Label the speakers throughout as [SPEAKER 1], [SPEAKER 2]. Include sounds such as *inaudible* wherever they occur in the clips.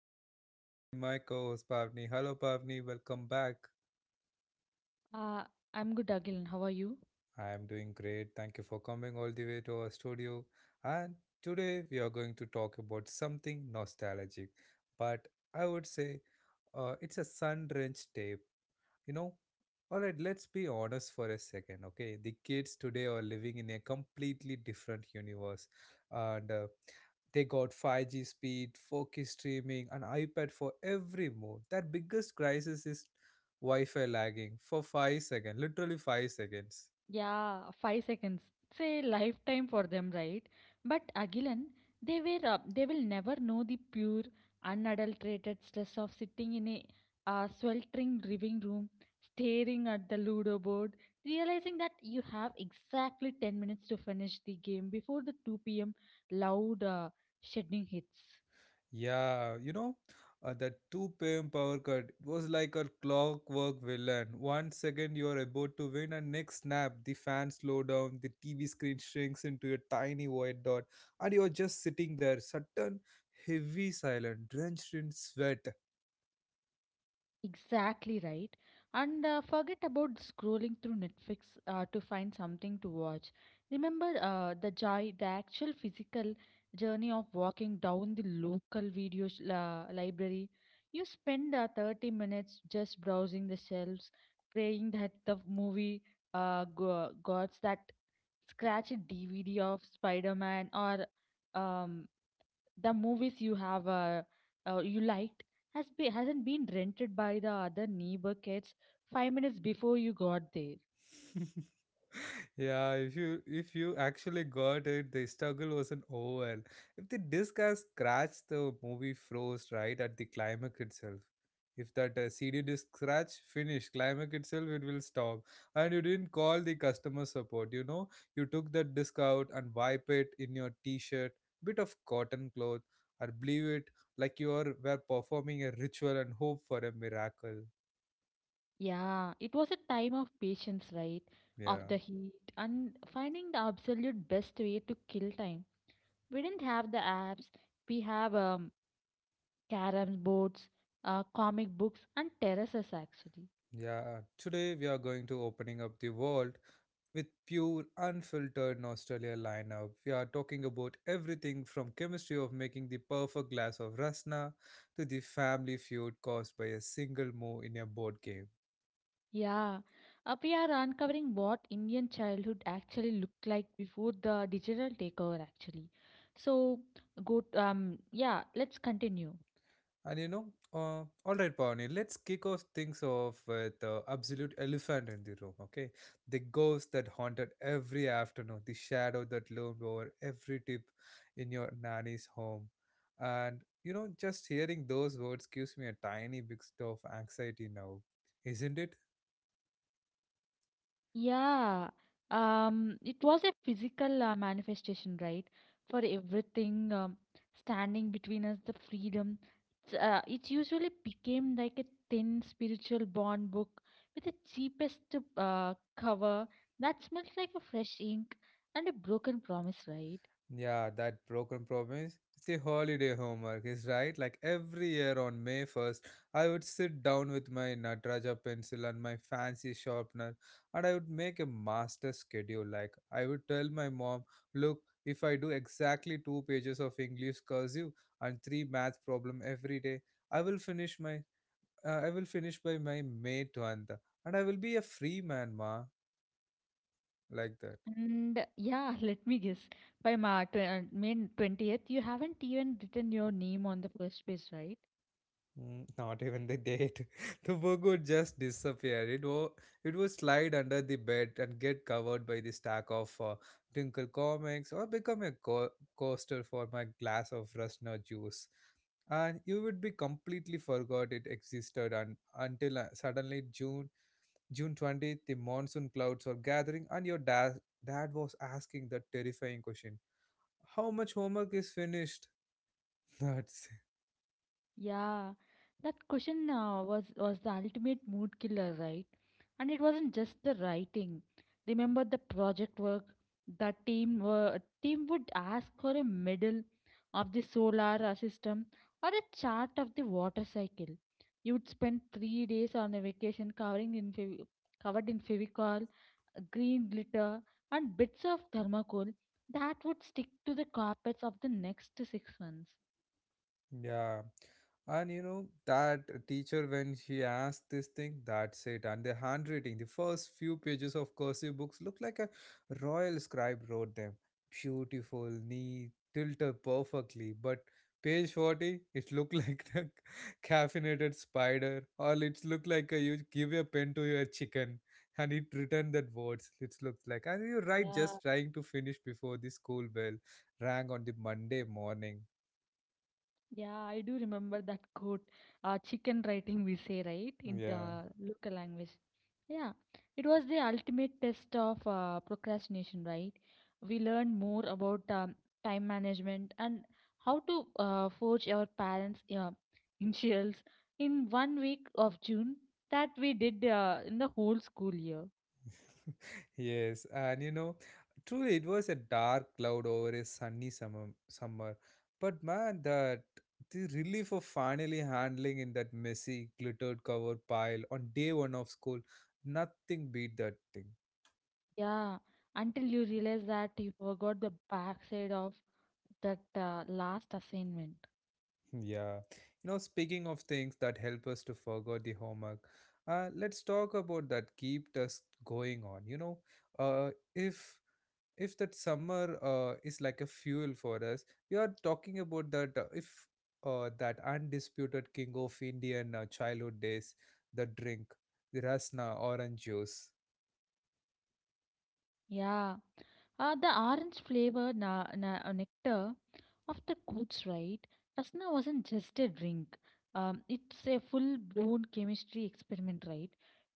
[SPEAKER 1] and join with me my co-host Pavni. Hello Pavni, welcome back.
[SPEAKER 2] Uh, I'm good, Agilan. How are you?
[SPEAKER 1] I am doing great. Thank you for coming all the way to our studio. And today we are going to talk about something nostalgic, but I would say it's a sun-drenched day You know, all right, let's be honest for a second, okay? The kids today are living in a completely different universe, and they got 5G speed, 4K streaming, an iPad for every move. That biggest crisis is Wi-Fi lagging for 5 seconds, literally 5 seconds.
[SPEAKER 2] Yeah, 5 seconds. It's a lifetime for them, right? But Agilan, they will never know the pure, unadulterated stress of sitting in a sweltering living room, staring at the Ludo board, realizing that you have exactly 10 minutes to finish the game before the 2 p.m. loud shedding hits.
[SPEAKER 1] Yeah, that 2 p.m. power cut was like a clockwork villain. 1 second you are about to win, and next snap, the fan slow down, the TV screen shrinks into a tiny white dot, and you're just sitting there, sudden, heavy, silent, drenched in sweat.
[SPEAKER 2] Exactly right. And forget about scrolling through Netflix to find something to watch. Remember the joy, the actual physical journey of walking down the local library. You spend 30 minutes just browsing the shelves, praying that the movie got that scratched DVD of Spider Man or um, the movies you have you liked hasn't been rented by the other neighbor kids 5 minutes before you got there.
[SPEAKER 1] *laughs* Yeah, if you actually got it, the struggle wasn't over. If the disc has scratched, the movie froze right at the climax itself. If that CD disc scratch finish climax itself, it will stop. And you didn't call the customer support. You know, you took that disc out and wipe it in your T-shirt, bit of cotton cloth, or believe it like you are were performing a ritual and hope for a miracle.
[SPEAKER 2] Yeah, it was a time of patience, right? Of
[SPEAKER 1] Yeah.
[SPEAKER 2] the heat and finding the absolute best way to kill time. We didn't have the apps. We have carom boards, comic books, and terraces actually.
[SPEAKER 1] Yeah, today we are going to opening up the world with pure, unfiltered nostalgia lineup. We are talking about everything from chemistry of making the perfect glass of rasna to the family feud caused by a single move in a board game.
[SPEAKER 2] Yeah, we are uncovering what Indian childhood actually looked like before the digital takeover, actually. So, yeah, let's continue.
[SPEAKER 1] And you know, all right, Pawani, let's kick off things off with the absolute elephant in the room, okay? The ghost that haunted every afternoon, the shadow that loomed over every tip in your nanny's home. And, you know, just hearing those words gives me a tiny bit of anxiety now, isn't it?
[SPEAKER 2] Yeah, it was a physical manifestation, right? For everything standing between us, the freedom. It usually became like a thin spiritual bond book with the cheapest cover that smells like a fresh ink and a broken promise, right?
[SPEAKER 1] Yeah, that broken promise. It's a holiday homework, is right? Like every year on May 1st, I would sit down with my Nataraja pencil and my fancy sharpener and I would make a master schedule. Like I would tell my mom, look, if I do exactly two pages of English cursive and three math problem every day, I will finish by my May 20th and I will be a free man, ma, like that.
[SPEAKER 2] And yeah, *laughs* let me guess. By my tw May 20th, you haven't even written your name on the first page, right?
[SPEAKER 1] Mm, not even the date. *laughs* The book would just disappear. It would slide under the bed and get covered by the stack of Twinkle comics or become a coaster for my glass of Rusna juice. And you would be completely forgot it existed and until suddenly June 20th, the monsoon clouds are gathering and your dad was asking that terrifying question. How much homework is finished? *laughs* That's.
[SPEAKER 2] Yeah, that question was the ultimate mood killer, right? And it wasn't just the writing. Remember the project work. The team would ask for a medal of the solar system or a chart of the water cycle. You would spend 3 days on a vacation covering in fev covered in Fevicol green glitter, and bits of thermocol that would stick to the carpets of the next 6 months.
[SPEAKER 1] Yeah. And you know, that teacher, when she asked this thing, that's it. And the handwriting, the first few pages of cursive books look like a royal scribe wrote them. Beautiful, neat, tilted perfectly. But page 40, it looked like *laughs* a caffeinated spider, or it looked like a, you give a pen to your chicken and it returned that words. It looked like. And you're right,
[SPEAKER 2] Yeah,
[SPEAKER 1] just trying to finish before the school bell rang on the Monday morning.
[SPEAKER 2] yeah, I do remember that quote. Chicken writing, we say, right, in
[SPEAKER 1] Yeah.
[SPEAKER 2] the local language. Yeah, it was the ultimate test of procrastination, right? We learned more about time management and how to forge our parents' initials in one week of June that we did in the whole school year.
[SPEAKER 1] *laughs* Yes, and you know, truly it was a dark cloud over a sunny summer. But man, that the relief of finally handling in that messy glittered cover pile on day one of school, nothing beat that thing.
[SPEAKER 2] Yeah, until you realize that you forgot the backside of that last assignment.
[SPEAKER 1] *laughs* Yeah. You know, speaking of things that help us to forget the homework, let's talk about that keep us going on. You know, uh, if if that summer is like a fuel for us we are talking about that if that undisputed king of indian childhood days the drink the rasna orange juice.
[SPEAKER 2] Yeah, the orange flavor nectar of the goods, right? Rasna wasn't just a drink. It's a full-blown chemistry experiment, right?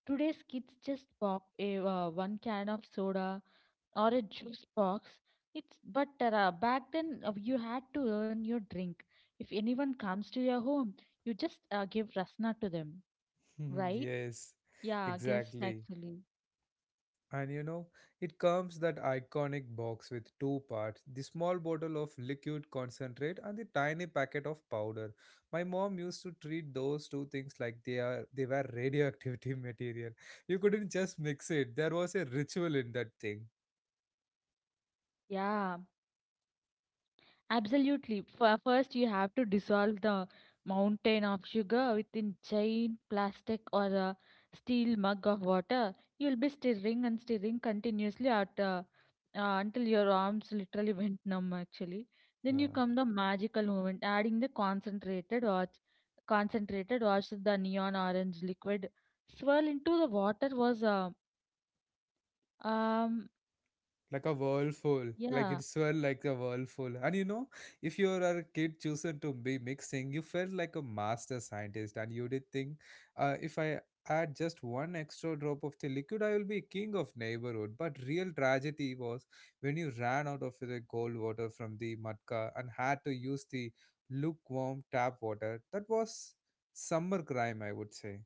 [SPEAKER 2] Today's kids just pop a one can of soda or a juice box. It's but back then you had to earn your drink. If anyone comes to your home, you just give rasna to them,
[SPEAKER 1] *laughs*
[SPEAKER 2] right?
[SPEAKER 1] Yes,
[SPEAKER 2] Yeah, guest
[SPEAKER 1] exactly.
[SPEAKER 2] actually.
[SPEAKER 1] And you know, it comes that iconic box with two parts the small bottle of liquid concentrate and the tiny packet of powder. My mom used to treat those two things like they were radioactivity *laughs* material. You couldn't just mix it. There was a ritual in that thing.
[SPEAKER 2] Yeah, absolutely. First, you have to dissolve the mountain of sugar within giant plastic or a steel mug of water. You'll be stirring and stirring continuously until your arms literally *laughs* went numb, actually. Then you
[SPEAKER 1] Yeah.
[SPEAKER 2] come the magical moment, adding the concentrated watch, the neon orange liquid. Swirl into the water was, um,
[SPEAKER 1] Like a whirlpool like
[SPEAKER 2] yeah.
[SPEAKER 1] it swirl like a whirlpool and you know if you are a kid chosen to be mixing you felt like a master scientist and you did think, if I add just one extra drop of the liquid I will be king of neighborhood. But real tragedy was when you ran out of the cold water from the matka and had to use the lukewarm tap water. That was summer crime, I would say.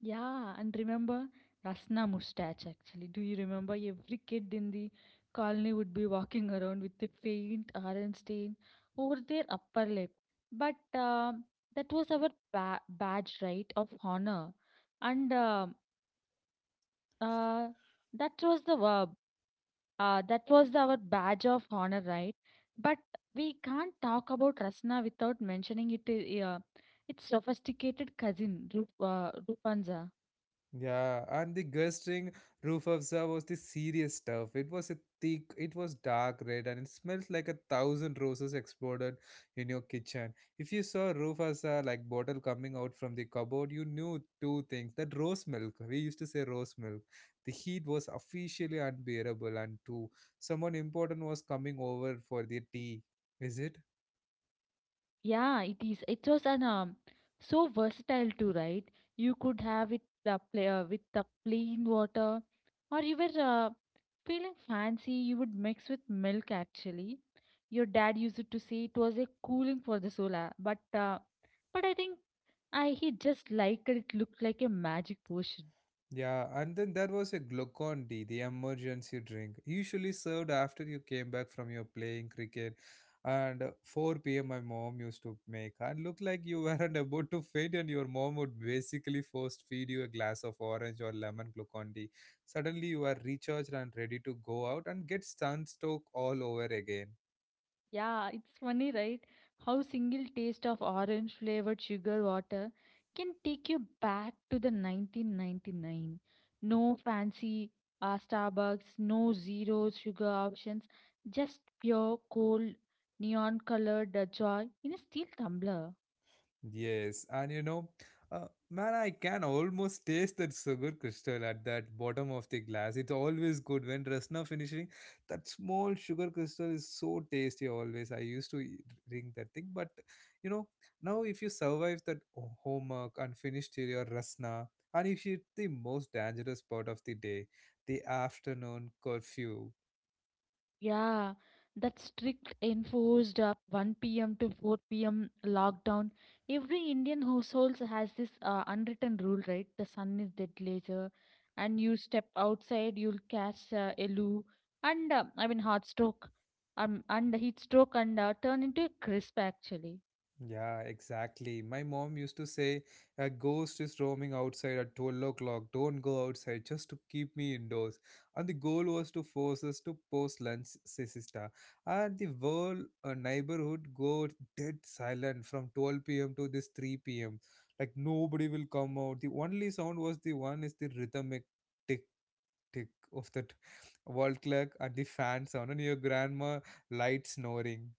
[SPEAKER 2] Yeah, and remember Rasna mustache actually. Do you remember every kid in the colony would be walking *laughs* around with a faint orange stain over their upper lip? But that was our badge, right, of honor. And uh, that was the verb. That was our badge of honor, right? But we can't talk about Rasna without mentioning it. Its sophisticated cousin, Rupanza.
[SPEAKER 1] Yeah, and the gushing roof of Zha was the serious stuff. It was a thick, it was dark red, and it smelled like a thousand roses exploded in your kitchen. If you saw roof of Zha, like bottle coming out from the cupboard, you knew two things. That rose milk, we used to say rose milk. The heat was officially unbearable, and two, someone important was coming over for the tea. Is it?
[SPEAKER 2] Yeah, it is. It was an so versatile too, right? You could have it with the plain water, or you were feeling fancy, you would mix with milk actually. Your dad used to say it was a cooling for the soul, but I think I he just liked it. It looked like a magic potion.
[SPEAKER 1] Yeah, and then there was a Glucon D, the emergency drink, usually served after you came back from your playing cricket. And 4 p.m., my mom used to make, and looked like you *laughs* weren't about to faint, and your mom would basically first feed you a glass of orange or lemon Glucon D. Suddenly, you are recharged and ready to go out and get sunstroke all over again.
[SPEAKER 2] Yeah, it's funny, right? How single taste of orange flavored sugar water can take you back to the 1999. No fancy Starbucks, no zero sugar options, just pure cold neon colored joy in a steel tumbler.
[SPEAKER 1] Yes, and you know, man, I can almost taste that sugar crystal at that bottom of the glass. It's always good when Rasna finishing. That small sugar crystal is so tasty always. I used to drink that thing, but you know, now if you survive that homework and finish till your Rasna, and if it's the most dangerous part of the day, the afternoon curfew.
[SPEAKER 2] Yeah, that strict enforced 1 p.m. to 4 p.m. lockdown. Every Indian households has this unwritten rule, right? The sun is dead later, and you step outside, you'll catch a loo and I mean heart stroke, and heat stroke, and turn into a crisp actually.
[SPEAKER 1] Yeah, exactly. My mom used to say, a ghost is roaming outside at 12 o'clock. Don't go outside just to keep me indoors. And the goal was to force us to post lunch, sister. And the whole neighborhood go dead silent from 12 p.m. to this 3 p.m. Like nobody will come out. The only sound was the one is the rhythmic tick tick of that wall clock and the fan sound and your grandma light snoring.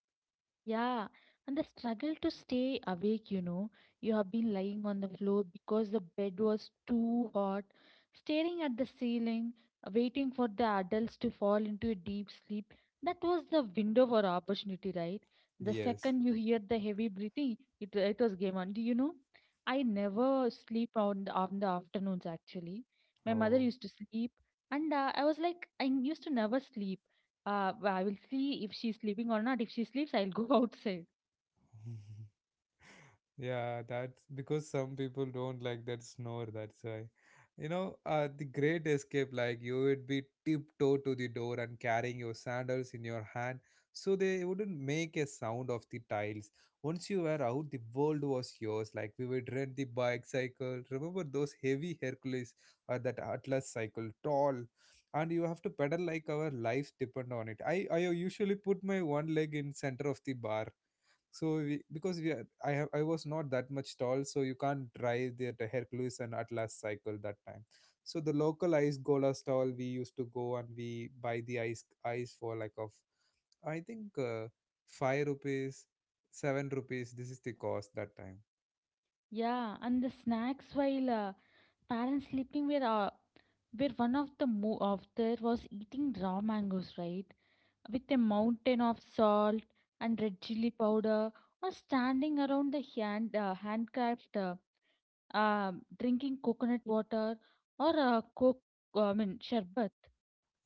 [SPEAKER 2] Yeah, and the struggle to stay awake, you know. You have been lying on the floor because the bed was too hot, staring at the ceiling, waiting for the adults to fall into a deep sleep. That was the window for opportunity, right? The
[SPEAKER 1] Yes.
[SPEAKER 2] second you hear the heavy breathing, it was game on. Do you know? I never sleep on the afternoons actually. My mother
[SPEAKER 1] Oh.
[SPEAKER 2] used to sleep, and I was like, I used to never sleep I will see if she's sleeping or not. If she sleeps, I'll go *laughs* outside.
[SPEAKER 1] *laughs* Yeah, that's because some people don't like that snore. That's why, the great escape, like you would be tiptoe to the door and carrying your sandals in your hand so they wouldn't make a sound of the tiles. Once you were out, the world was yours. Like we would rent the bike cycle. Remember those heavy Hercules or that Atlas cycle, tall, and you have to pedal like our lives depend on it. I usually put my one leg in center of the bar so we, because we are, I was not that much tall, so you can't drive the Hercules and Atlas cycle that time. So the local ice gola stall we used to go and we buy the ice for like of I think five rupees, seven rupees. This is the cost that time.
[SPEAKER 2] Yeah, and the snacks while parents sleeping were where one of of there was eating raw mangoes, right? With a mountain of salt and red chili powder, or standing around the handcrafts, drinking coconut water or coke. I mean sherbet.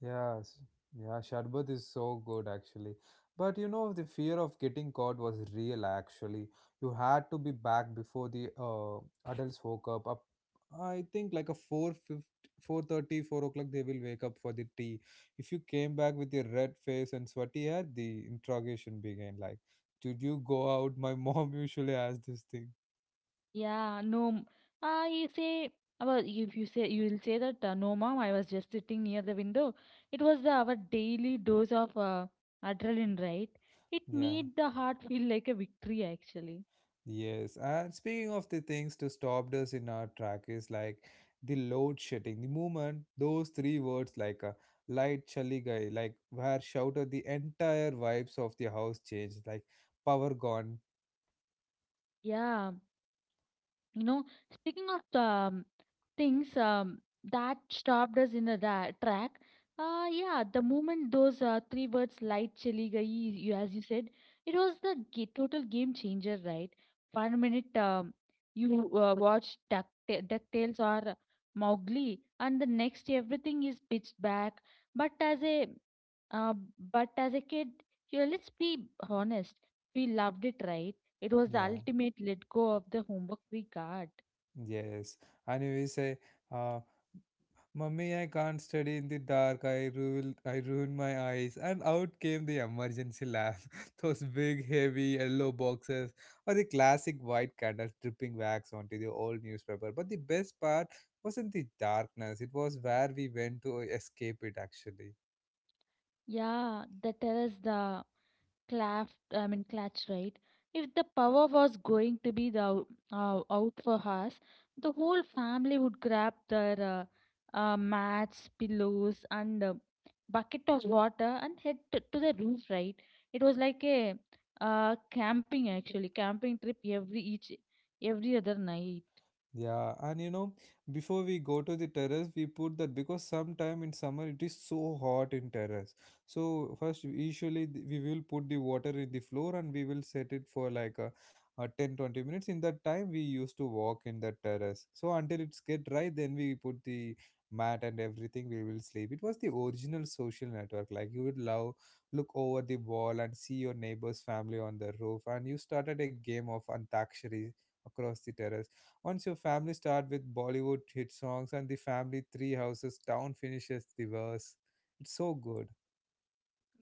[SPEAKER 1] Yes, yeah, Sharbat is so good actually. But you know, the fear of getting caught was real actually. You had to be back before the adults woke up. Up, I think like a 4:50, 4:30, 4 o'clock they will wake up for the tea. If you came back with your red face and sweaty hair, the interrogation began. Like, did you go out? My mom *laughs* usually asks this thing.
[SPEAKER 2] Yeah, no. You say about if you say you will say that no, mom, I was just sitting near the window. It was our daily dose of adrenaline, right? It
[SPEAKER 1] Yeah.
[SPEAKER 2] made the heart feel like a victory, actually.
[SPEAKER 1] Yes, and speaking of the things to stop us in our track is like the load shedding. The moment those three words like a light chali gai, like where shouted the entire vibes of the house changed, like power gone.
[SPEAKER 2] Yeah, you know, speaking of things that stopped us in the track, yeah, the moment those three words light chali gayi, you, as you said, it was the total game changer, right? One minute you watch DuckTales or Mowgli, and the next everything is pitched back. But as a uh, but as a kid, you know, let's be honest, we loved it, right? It was the
[SPEAKER 1] Yeah.
[SPEAKER 2] ultimate let go of the homework we got.
[SPEAKER 1] Yes, and you say, uh, "Mummy, I can't study in the dark. I ruin my eyes." And out came the emergency lamp, *laughs* those big, heavy yellow boxes, or the classic white candles dripping wax onto the old newspaper. But the best part wasn't the darkness; it was where we went to escape it, actually.
[SPEAKER 2] Yeah, the terrace, the claft, I mean, clutch, right? If the power was going to be the out for us, the whole family would grab their mats, pillows, and bucket of water and head to the roof, right? It was like a camping actually, camping trip every other night.
[SPEAKER 1] Yeah, and you know, before we go to the terrace, we put that because sometime in summer it is so hot in terrace. So first, usually we will put the water in the floor and we will set it for like a 10 20 minutes. In that time, we used to walk in that terrace. So until it's get dry, then we put the mat and everything. We will sleep. It was the original social network. Like you would love look over the wall and see your neighbor's family on the roof, and you started a game of antakshari across the terrace once your family start with Bollywood hit songs and the family three houses down finishes the verse. It's so good.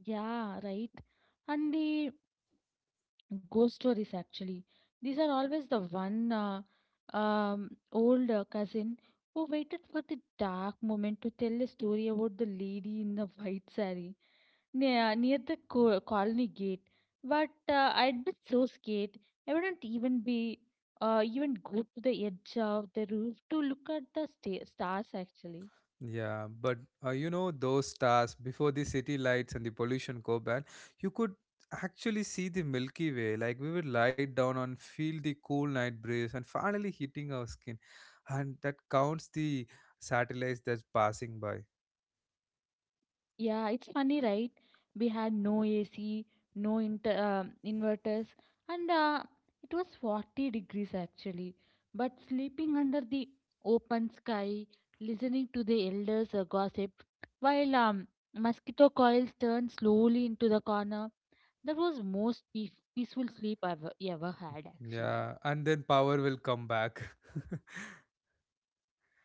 [SPEAKER 2] Yeah, right. And the ghost stories actually these are always the one old cousin who waited for the dark moment to tell a story about the lady in the white saree near the colony gate. But I'd be so scared I wouldn't even be even go to the edge of the roof to look at the stars actually.
[SPEAKER 1] Yeah, but you know those stars before the city lights and the pollution go bad, you could actually see the Milky Way. Like we would lie down and feel the cool night breeze and finally hitting our skin, and that counts the satellites that's passing by.
[SPEAKER 2] Yeah, it's funny, right? We had no AC, no inter inverters, and it was 40 degrees actually. But sleeping under the open sky, listening to the elders' gossip, while mosquito coils turned slowly into the corner, that was most peaceful sleep I've ever had actually.
[SPEAKER 1] Yeah, and then power will come back. *laughs*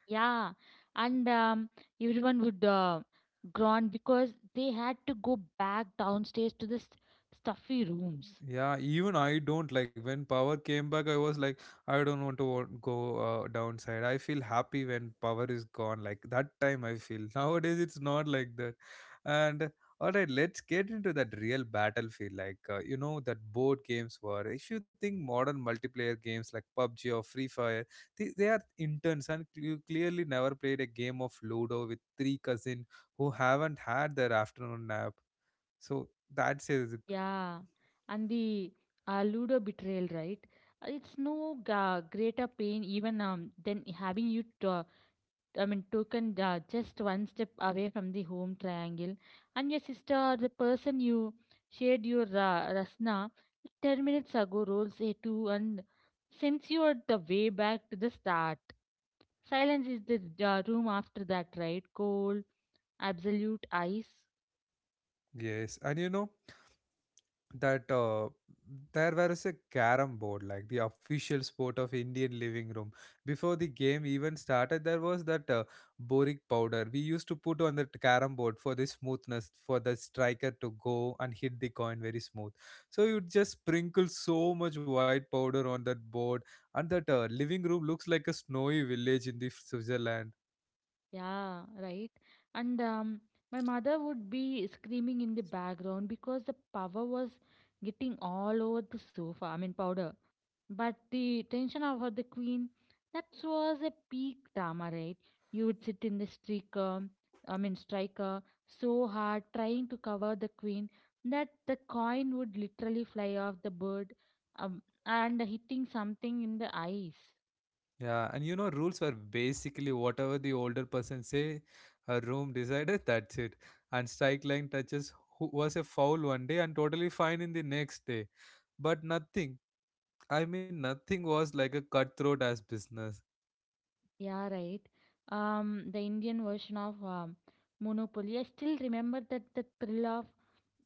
[SPEAKER 2] Yeah, and everyone would groan because they had to go back downstairs to the stuffy rooms.
[SPEAKER 1] Yeah, even I don't like when power came back. I was like, I don't want to go downside. I feel happy when power is gone. Like that time, I feel *laughs* nowadays it's not like that. And all right, let's get into that real battlefield. Like you know that board games were. If you think modern multiplayer games like PUBG or Free Fire, they are intense, and you clearly never played a game of Ludo with three cousins who haven't had their afternoon nap. So that's it.
[SPEAKER 2] Yeah, and the Ludo betrayal, right? It's no greater pain even than having I mean, taken just one step away from the home triangle, and your sister or the person you shared your rasna 10 minutes ago rolls a two and sends you at the way back to the start. Silence is the room after that, right? Cold, absolute ice.
[SPEAKER 1] Yes, and you know that there was a carom board like the official sport of Indian living room. Before the game even started, there was that boric powder we used to put on the carom board for the smoothness, for the striker to go and hit the coin very smooth. So you just sprinkle so much white powder on that board, and that living room looks like a snowy village in the Switzerland.
[SPEAKER 2] Yeah, right. And my mother would be screaming in the background because the power was getting all over the sofa. I mean, powder. But the tension over the queen, that was a peak drama, right? You would sit in the streaker, I mean striker, so hard trying to cover the queen that the coin would literally fly off the board and hitting something in the ice.
[SPEAKER 1] Yeah, and you know, rules were basically whatever the older person say, her room decided, that's it. And strike line touches who was a foul one day and totally fine in the next day. But nothing, I mean, nothing was like a cutthroat as business.
[SPEAKER 2] Yeah, right. The Indian version of Monopoly. I still remember that the thrill of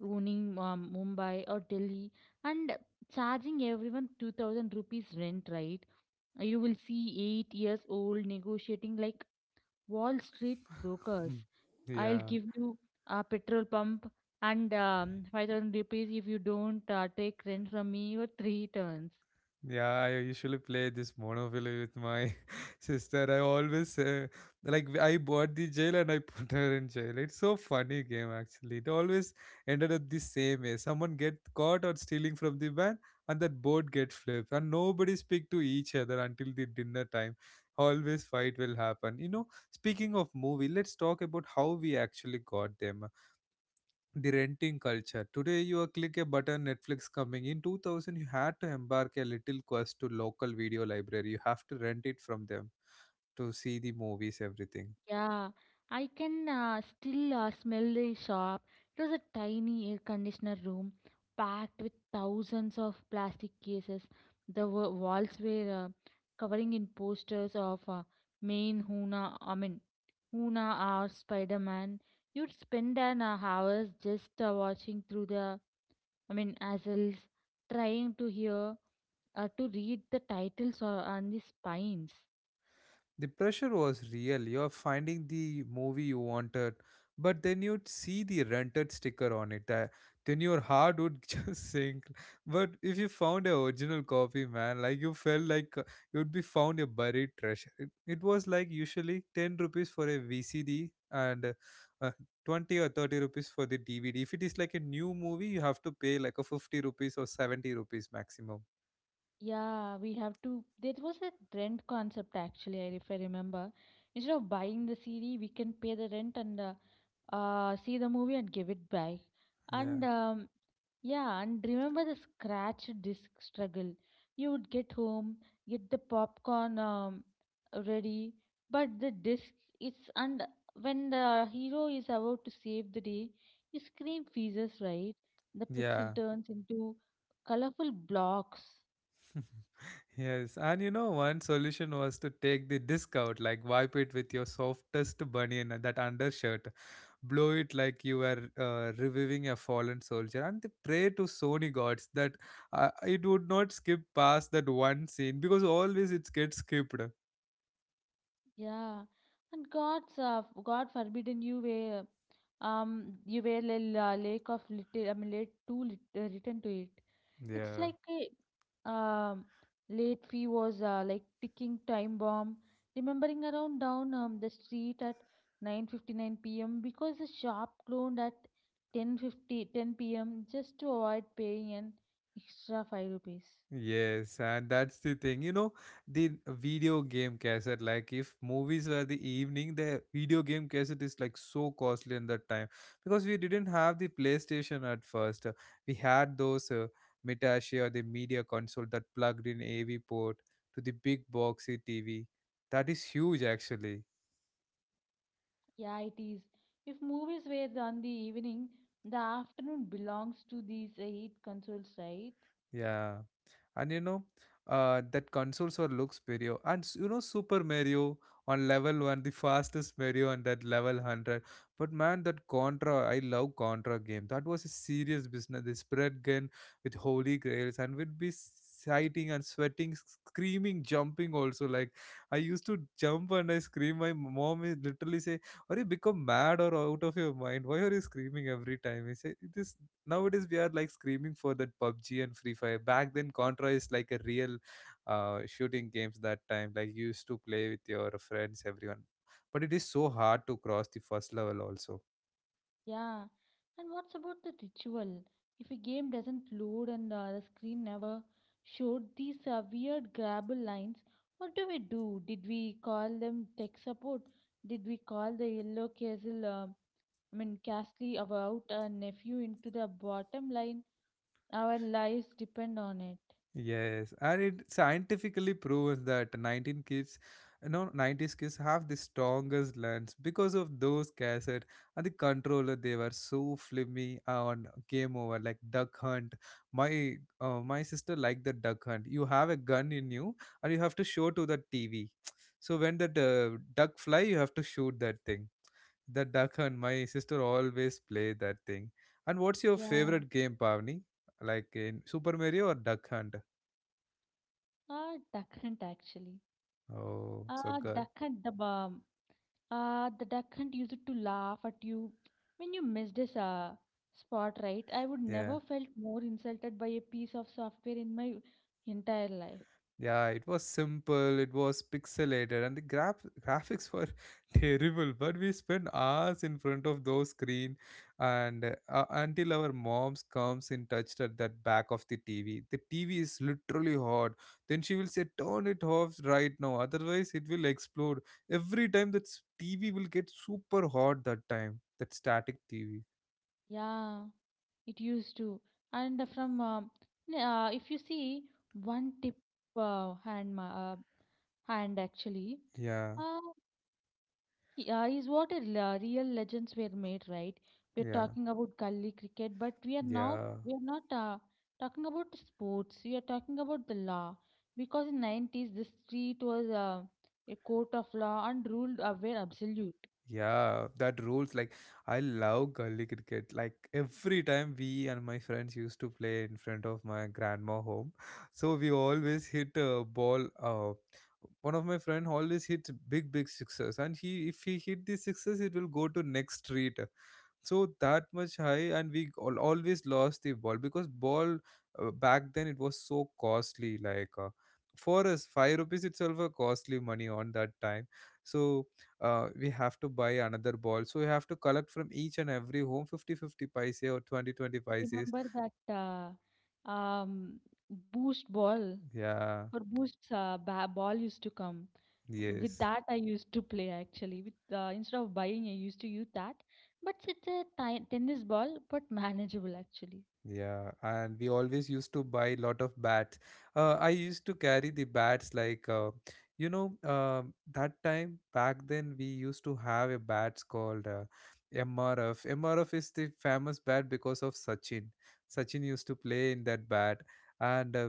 [SPEAKER 2] owning Mumbai or Delhi and charging everyone 2000 rupees rent, right? You will see 8 years old negotiating like Wall Street brokers.
[SPEAKER 1] *laughs*
[SPEAKER 2] I'll
[SPEAKER 1] Yeah.
[SPEAKER 2] give you a petrol pump and 5000 rupees if you don't take rent from me for three turns.
[SPEAKER 1] Yeah, I usually play this Monopoly with my *laughs* sister. I always like I bought the jail and I *laughs* put her in jail. It's so funny game actually. It always ended up the same way. Someone get caught or stealing from the van, and that board get flipped, and nobody speak to each other until the dinner time. Always fight will happen. You know. Speaking of movie, let's talk about how we actually got them the renting culture. Today you are click a button, Netflix coming. In 2000, you had to embark a little quest to local video library. You have to rent it from them to see the movies, everything.
[SPEAKER 2] Yeah, I can still smell the shop. It was a tiny air conditioner room packed with thousands of plastic cases. The walls were covering in posters of Maine Huna, I mean, Una or Spider Man, you'd spend an hours just watching through the, I mean, assholes, trying to hear, to read the titles or on the spines.
[SPEAKER 1] The pressure was real. You're finding the movie you wanted, but then you'd see the rented sticker on it. That then your heart would *laughs* just sink. But if you found an original copy, man, like you felt like you'd be found a buried treasure. It was like usually 10 rupees for a VCD and uh, 20 or 30 rupees for the DVD. If it is like a new movie, you have to pay like a 50 rupees or 70 rupees maximum.
[SPEAKER 2] Yeah, we have to. There was a rent concept actually, if I remember. Instead of buying the CD, we can pay the rent and see the movie and give it back. And
[SPEAKER 1] Yeah.
[SPEAKER 2] Yeah, and remember the scratch disc struggle. You would get home, get the popcorn ready, but the disc it's and when the hero is about to save the day, his screen freezes, right? The pixel
[SPEAKER 1] Yeah.
[SPEAKER 2] turns into colorful blocks.
[SPEAKER 1] Yes, and you know, one solution was to take the disc out, like wipe it with your softest bunion, that undershirt, blow it like you were reviving a fallen soldier, and they pray to Sony gods that it would not skip past that one scene because always it gets skipped.
[SPEAKER 2] Yeah, and God forbidden you were. You were lake of little, I mean, late written to it. It's
[SPEAKER 1] Yeah.
[SPEAKER 2] like a late fee was like ticking time bomb. Remembering around down the street at 9:59 p.m. because the shop closed at ten fifty ten p.m. just to avoid paying an extra 5 rupees.
[SPEAKER 1] Yes, and that's the thing. You know, the video game cassette, like if movies were the evening, the video game cassette is like so costly in that time because we didn't have the PlayStation at first. We had those Mitashi or the media console that plugged in AV port to the big boxy TV. That is huge, actually.
[SPEAKER 2] Yeah, it is. If movies were on the evening, the afternoon belongs to these eight consoles, right?
[SPEAKER 1] Yeah. And you know that console so looks superior, and you know, Super Mario on level 1, the fastest Mario on that level 100. But man, that Contra, I love Contra game, that was a serious business. They spread gun with holy grails and would be sighting and sweating, screaming, jumping also. Like I used to jump and I scream, my mom is literally say, are you become mad or out of your mind, why are you screaming every time he say this. Nowadays we are like screaming for that PUBG and Free Fire. Back then, Contra is like a real shooting games that time. Like you used to play with your friends, everyone. But it is so hard to cross the first level also.
[SPEAKER 2] Yeah, and what's about the ritual? If a game doesn't load and the screen never showed these weird grabble lines, what do we do? Did we call them tech support? Did we call the yellow castle? I mean, Castley about our nephew into the bottom line. Our lives depend on it.
[SPEAKER 1] Yes, and it scientifically proves that 19 kids, no, 90s kids have the strongest lungs because of those cassette and the controller. They were so flimmy on Game Over, like Duck Hunt. My my sister liked the Duck Hunt. You have a gun in you, and you have to show to the TV. *tsk* So when that duck fly, you have to shoot that thing. The Duck Hunt. My sister always play that thing. And what's your
[SPEAKER 2] Yeah,
[SPEAKER 1] favorite game, Pavni? Like in Super Mario or Duck Hunt?
[SPEAKER 2] Duck Hunt actually.
[SPEAKER 1] Oh, so good.
[SPEAKER 2] Duck Hunt the bomb. The duck hunt used to laugh at you when you missed a spot, right? I would
[SPEAKER 1] Yeah.
[SPEAKER 2] never felt more insulted by a piece of software in my entire life.
[SPEAKER 1] Yeah, it was simple, it was pixelated, and the graphics were *laughs* terrible. But we spent hours in front of those screen, and until our moms comes in touch at that back of the TV. The TV is literally hot. Then she will say, "Turn it off right now, otherwise it will explode." Every time that TV will get super hot that time, that static TV.
[SPEAKER 2] Yeah, it used to. And from if you see one tip hand hand actually,
[SPEAKER 1] Yeah,
[SPEAKER 2] uh, yeah, is what real legends were made, right? We're
[SPEAKER 1] yeah,
[SPEAKER 2] talking about gully cricket, but
[SPEAKER 1] yeah.
[SPEAKER 2] we are not talking about the sports. We are talking about the law because in 90s the street was a court of law and ruled were absolute.
[SPEAKER 1] Yeah, that rules. Like, I love gully cricket. Like, every time we and my friends used to play in front of my grandma home, *laughs* so we always hit a ball. One of my friend always hits big, big sixes, and he if he hit the sixes, it will go to next street, so that much high, and we always lost the ball because ball back then it was so costly, like for us 5 rupees itself a costly money on that time. So we have to buy another ball, so we have to collect from each and every home 50 fifty 50 paise or twenty twenty 20 paises.
[SPEAKER 2] Remember that boost ball
[SPEAKER 1] Yeah.
[SPEAKER 2] or boost ball used to come. With
[SPEAKER 1] Yes.
[SPEAKER 2] that I used to play actually with instead of buying I used to use that, but it's a tennis ball but *laughs* manageable actually.
[SPEAKER 1] Yeah, and we always used to buy lot of bats. I used to carry the bats like you know, that time back then we used to have a bats called MRF. MRF is the famous bat because of Sachin. Sachin used to play in that bat, and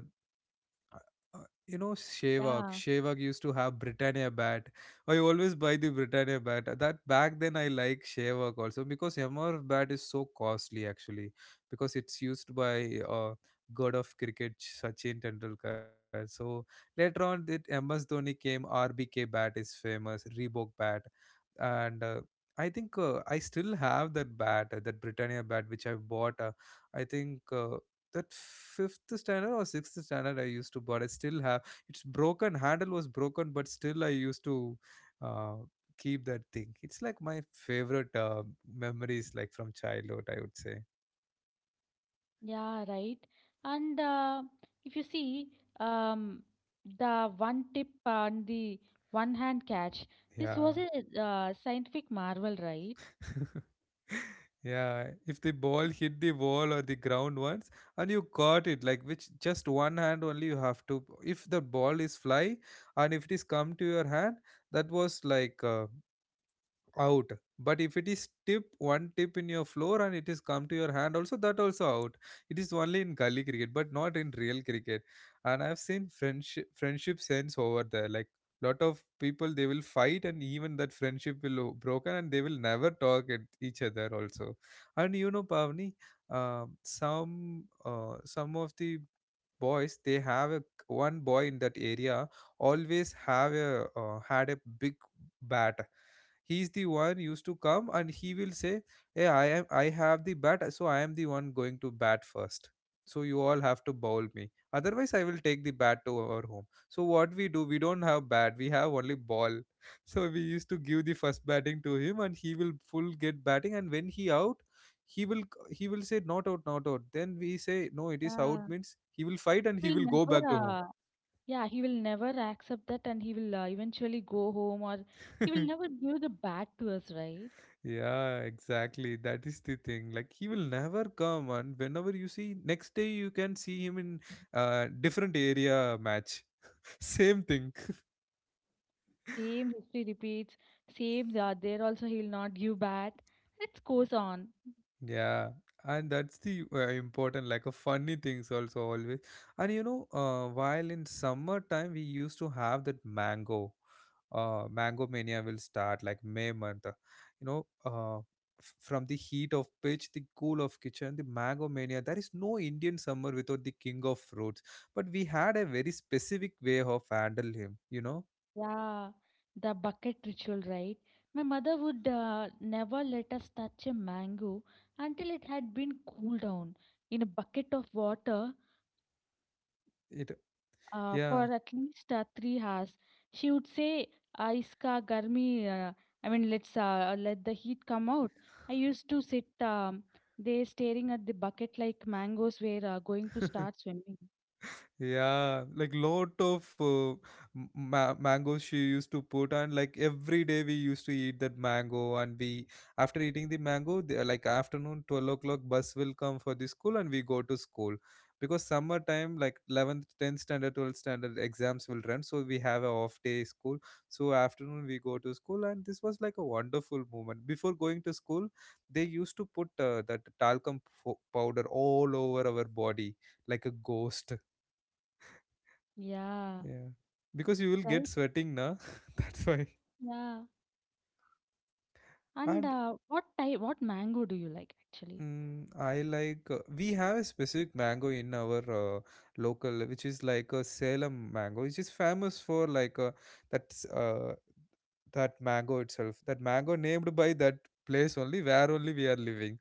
[SPEAKER 1] uh, you know Shevak.
[SPEAKER 2] Yeah,
[SPEAKER 1] Shevak used to have Britannia bat. I always buy the Britannia bat. That back then I like Shevak also because MRF bat is so costly actually because it's used by god of cricket Sachin Tendulkar. So later on, it MS Dhoni came. RBK bat is famous. Reebok bat, and I think I still have that bat, that Britannia bat which I bought, I think that fifth standard or sixth standard I used to, but I still have. It's broken, handle was broken, but still I used to uh, keep that thing. It's like my favorite memories, like from childhood, I would say.
[SPEAKER 2] yeah, right. And if you see um the one tip and the one hand catch, this
[SPEAKER 1] Yeah.
[SPEAKER 2] was a scientific marvel, right?
[SPEAKER 1] *laughs* Yeah, if the ball hit the wall or the ground once and you caught it, like which just one hand only you have to. If the ball is fly and if it is come to your hand, that was like out. But if it is tip one tip in your floor and it is come to your hand also, that also out. It is only in gully cricket but not in real cricket. And I've seen friendship sense over there, like lot of people they will fight and even that friendship will broken, and they will never talk at each other also. And you know, Pavni, some of the boys, they have a one boy in that area, always have a had a big bat. He's the one used to come, and he will say, hey, I have the bat, so I am the one going to bat first, so you all have to bowl me, otherwise I will take the bat to our home. So what we do, we don't have bat, we have only ball. *laughs* So we used to give the first batting to him, and he will full get batting, and when he out, he will he will say, not out, not out. Then we say, no, it is out
[SPEAKER 2] Yeah,
[SPEAKER 1] means he will fight, and
[SPEAKER 2] he
[SPEAKER 1] he
[SPEAKER 2] will
[SPEAKER 1] will go
[SPEAKER 2] never
[SPEAKER 1] back to home.
[SPEAKER 2] accept that, and he will eventually go home, or he will never
[SPEAKER 1] *laughs*
[SPEAKER 2] give the bat to us, right?
[SPEAKER 1] Yeah, exactly, that is the thing, like he will never come, and whenever you see next day you can see him in different area match. *laughs* Same thing.
[SPEAKER 2] Same history repeats, same that there also he'll not give bath. It goes on.
[SPEAKER 1] Yeah, and that's the important, like a funny things also always. And you know, while in summertime we used to have that mango, mango mania will start like May month. You know, from the heat of pitch, the cool of kitchen, the mango mania. There is no Indian summer without the king of fruits. But we had a very specific way of handle him. You know
[SPEAKER 2] Yeah, the bucket ritual, right? My mother would never let us touch a mango until it had been cooled down in a bucket of water
[SPEAKER 1] it.
[SPEAKER 2] for
[SPEAKER 1] Yeah.
[SPEAKER 2] at least 3 hours. She would say, "Iska garmi," I mean, let's let the heat come out. I used to sit there staring at the bucket like mangoes were going to start
[SPEAKER 1] *laughs*
[SPEAKER 2] swimming.
[SPEAKER 1] Yeah, like lot of m- ma mangoes she used to put, and like every day we used to eat that mango. And we, after eating the mango, the, like afternoon 12 o'clock, bus will come for the school, and we go to school because summertime, like 11th, 10th standard, 12th standard exams will run, so we have a off day school. So afternoon we go to school, and this was like a wonderful moment. Before going to school, they used to put that talcum powder all over our body like a ghost.
[SPEAKER 2] Yeah,
[SPEAKER 1] Yeah, because you will get
[SPEAKER 2] right?
[SPEAKER 1] sweating, na. *laughs* That's why.
[SPEAKER 2] Yeah. And
[SPEAKER 1] And
[SPEAKER 2] what type, what mango do you like actually?
[SPEAKER 1] I like, we have a specific mango in our local, which is like a Salem mango, which is famous for, like, that uh, that mango itself. That mango named by that place only, where only we are living.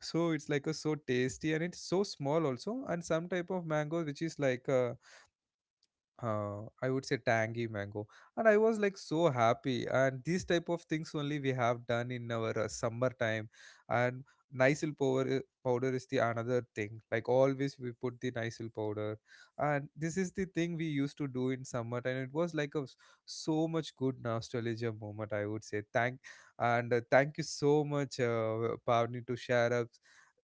[SPEAKER 1] So it's like a so tasty and it's so small also, and some type of mango which is like a I would say tangy mango, and I was like so happy. And these type of things only we have done in our summer time. And Nisil powder is the another thing. Like always, we put the Nisil powder, and this is the thing we used to do in summer. And it was like a so much good nostalgia moment. I would say thank, and thank you so much, Pavni, to share up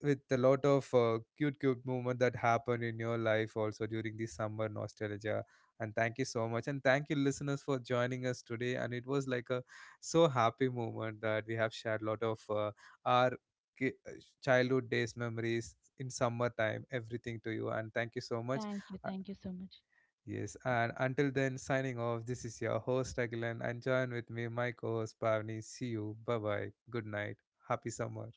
[SPEAKER 1] with a lot of cute cute moment that happened in your life also during the summer nostalgia, and thank you so much, and thank you listeners for joining us today. And it was like a so happy moment that we have shared a lot of our ki- uh, childhood days memories in summertime everything to you, and thank you so much. uh,
[SPEAKER 2] Thank you so much.
[SPEAKER 1] yes, and until then, signing off. This is your host Agilan, and join with me my co-host Pavni. See you, bye bye good night, happy summer.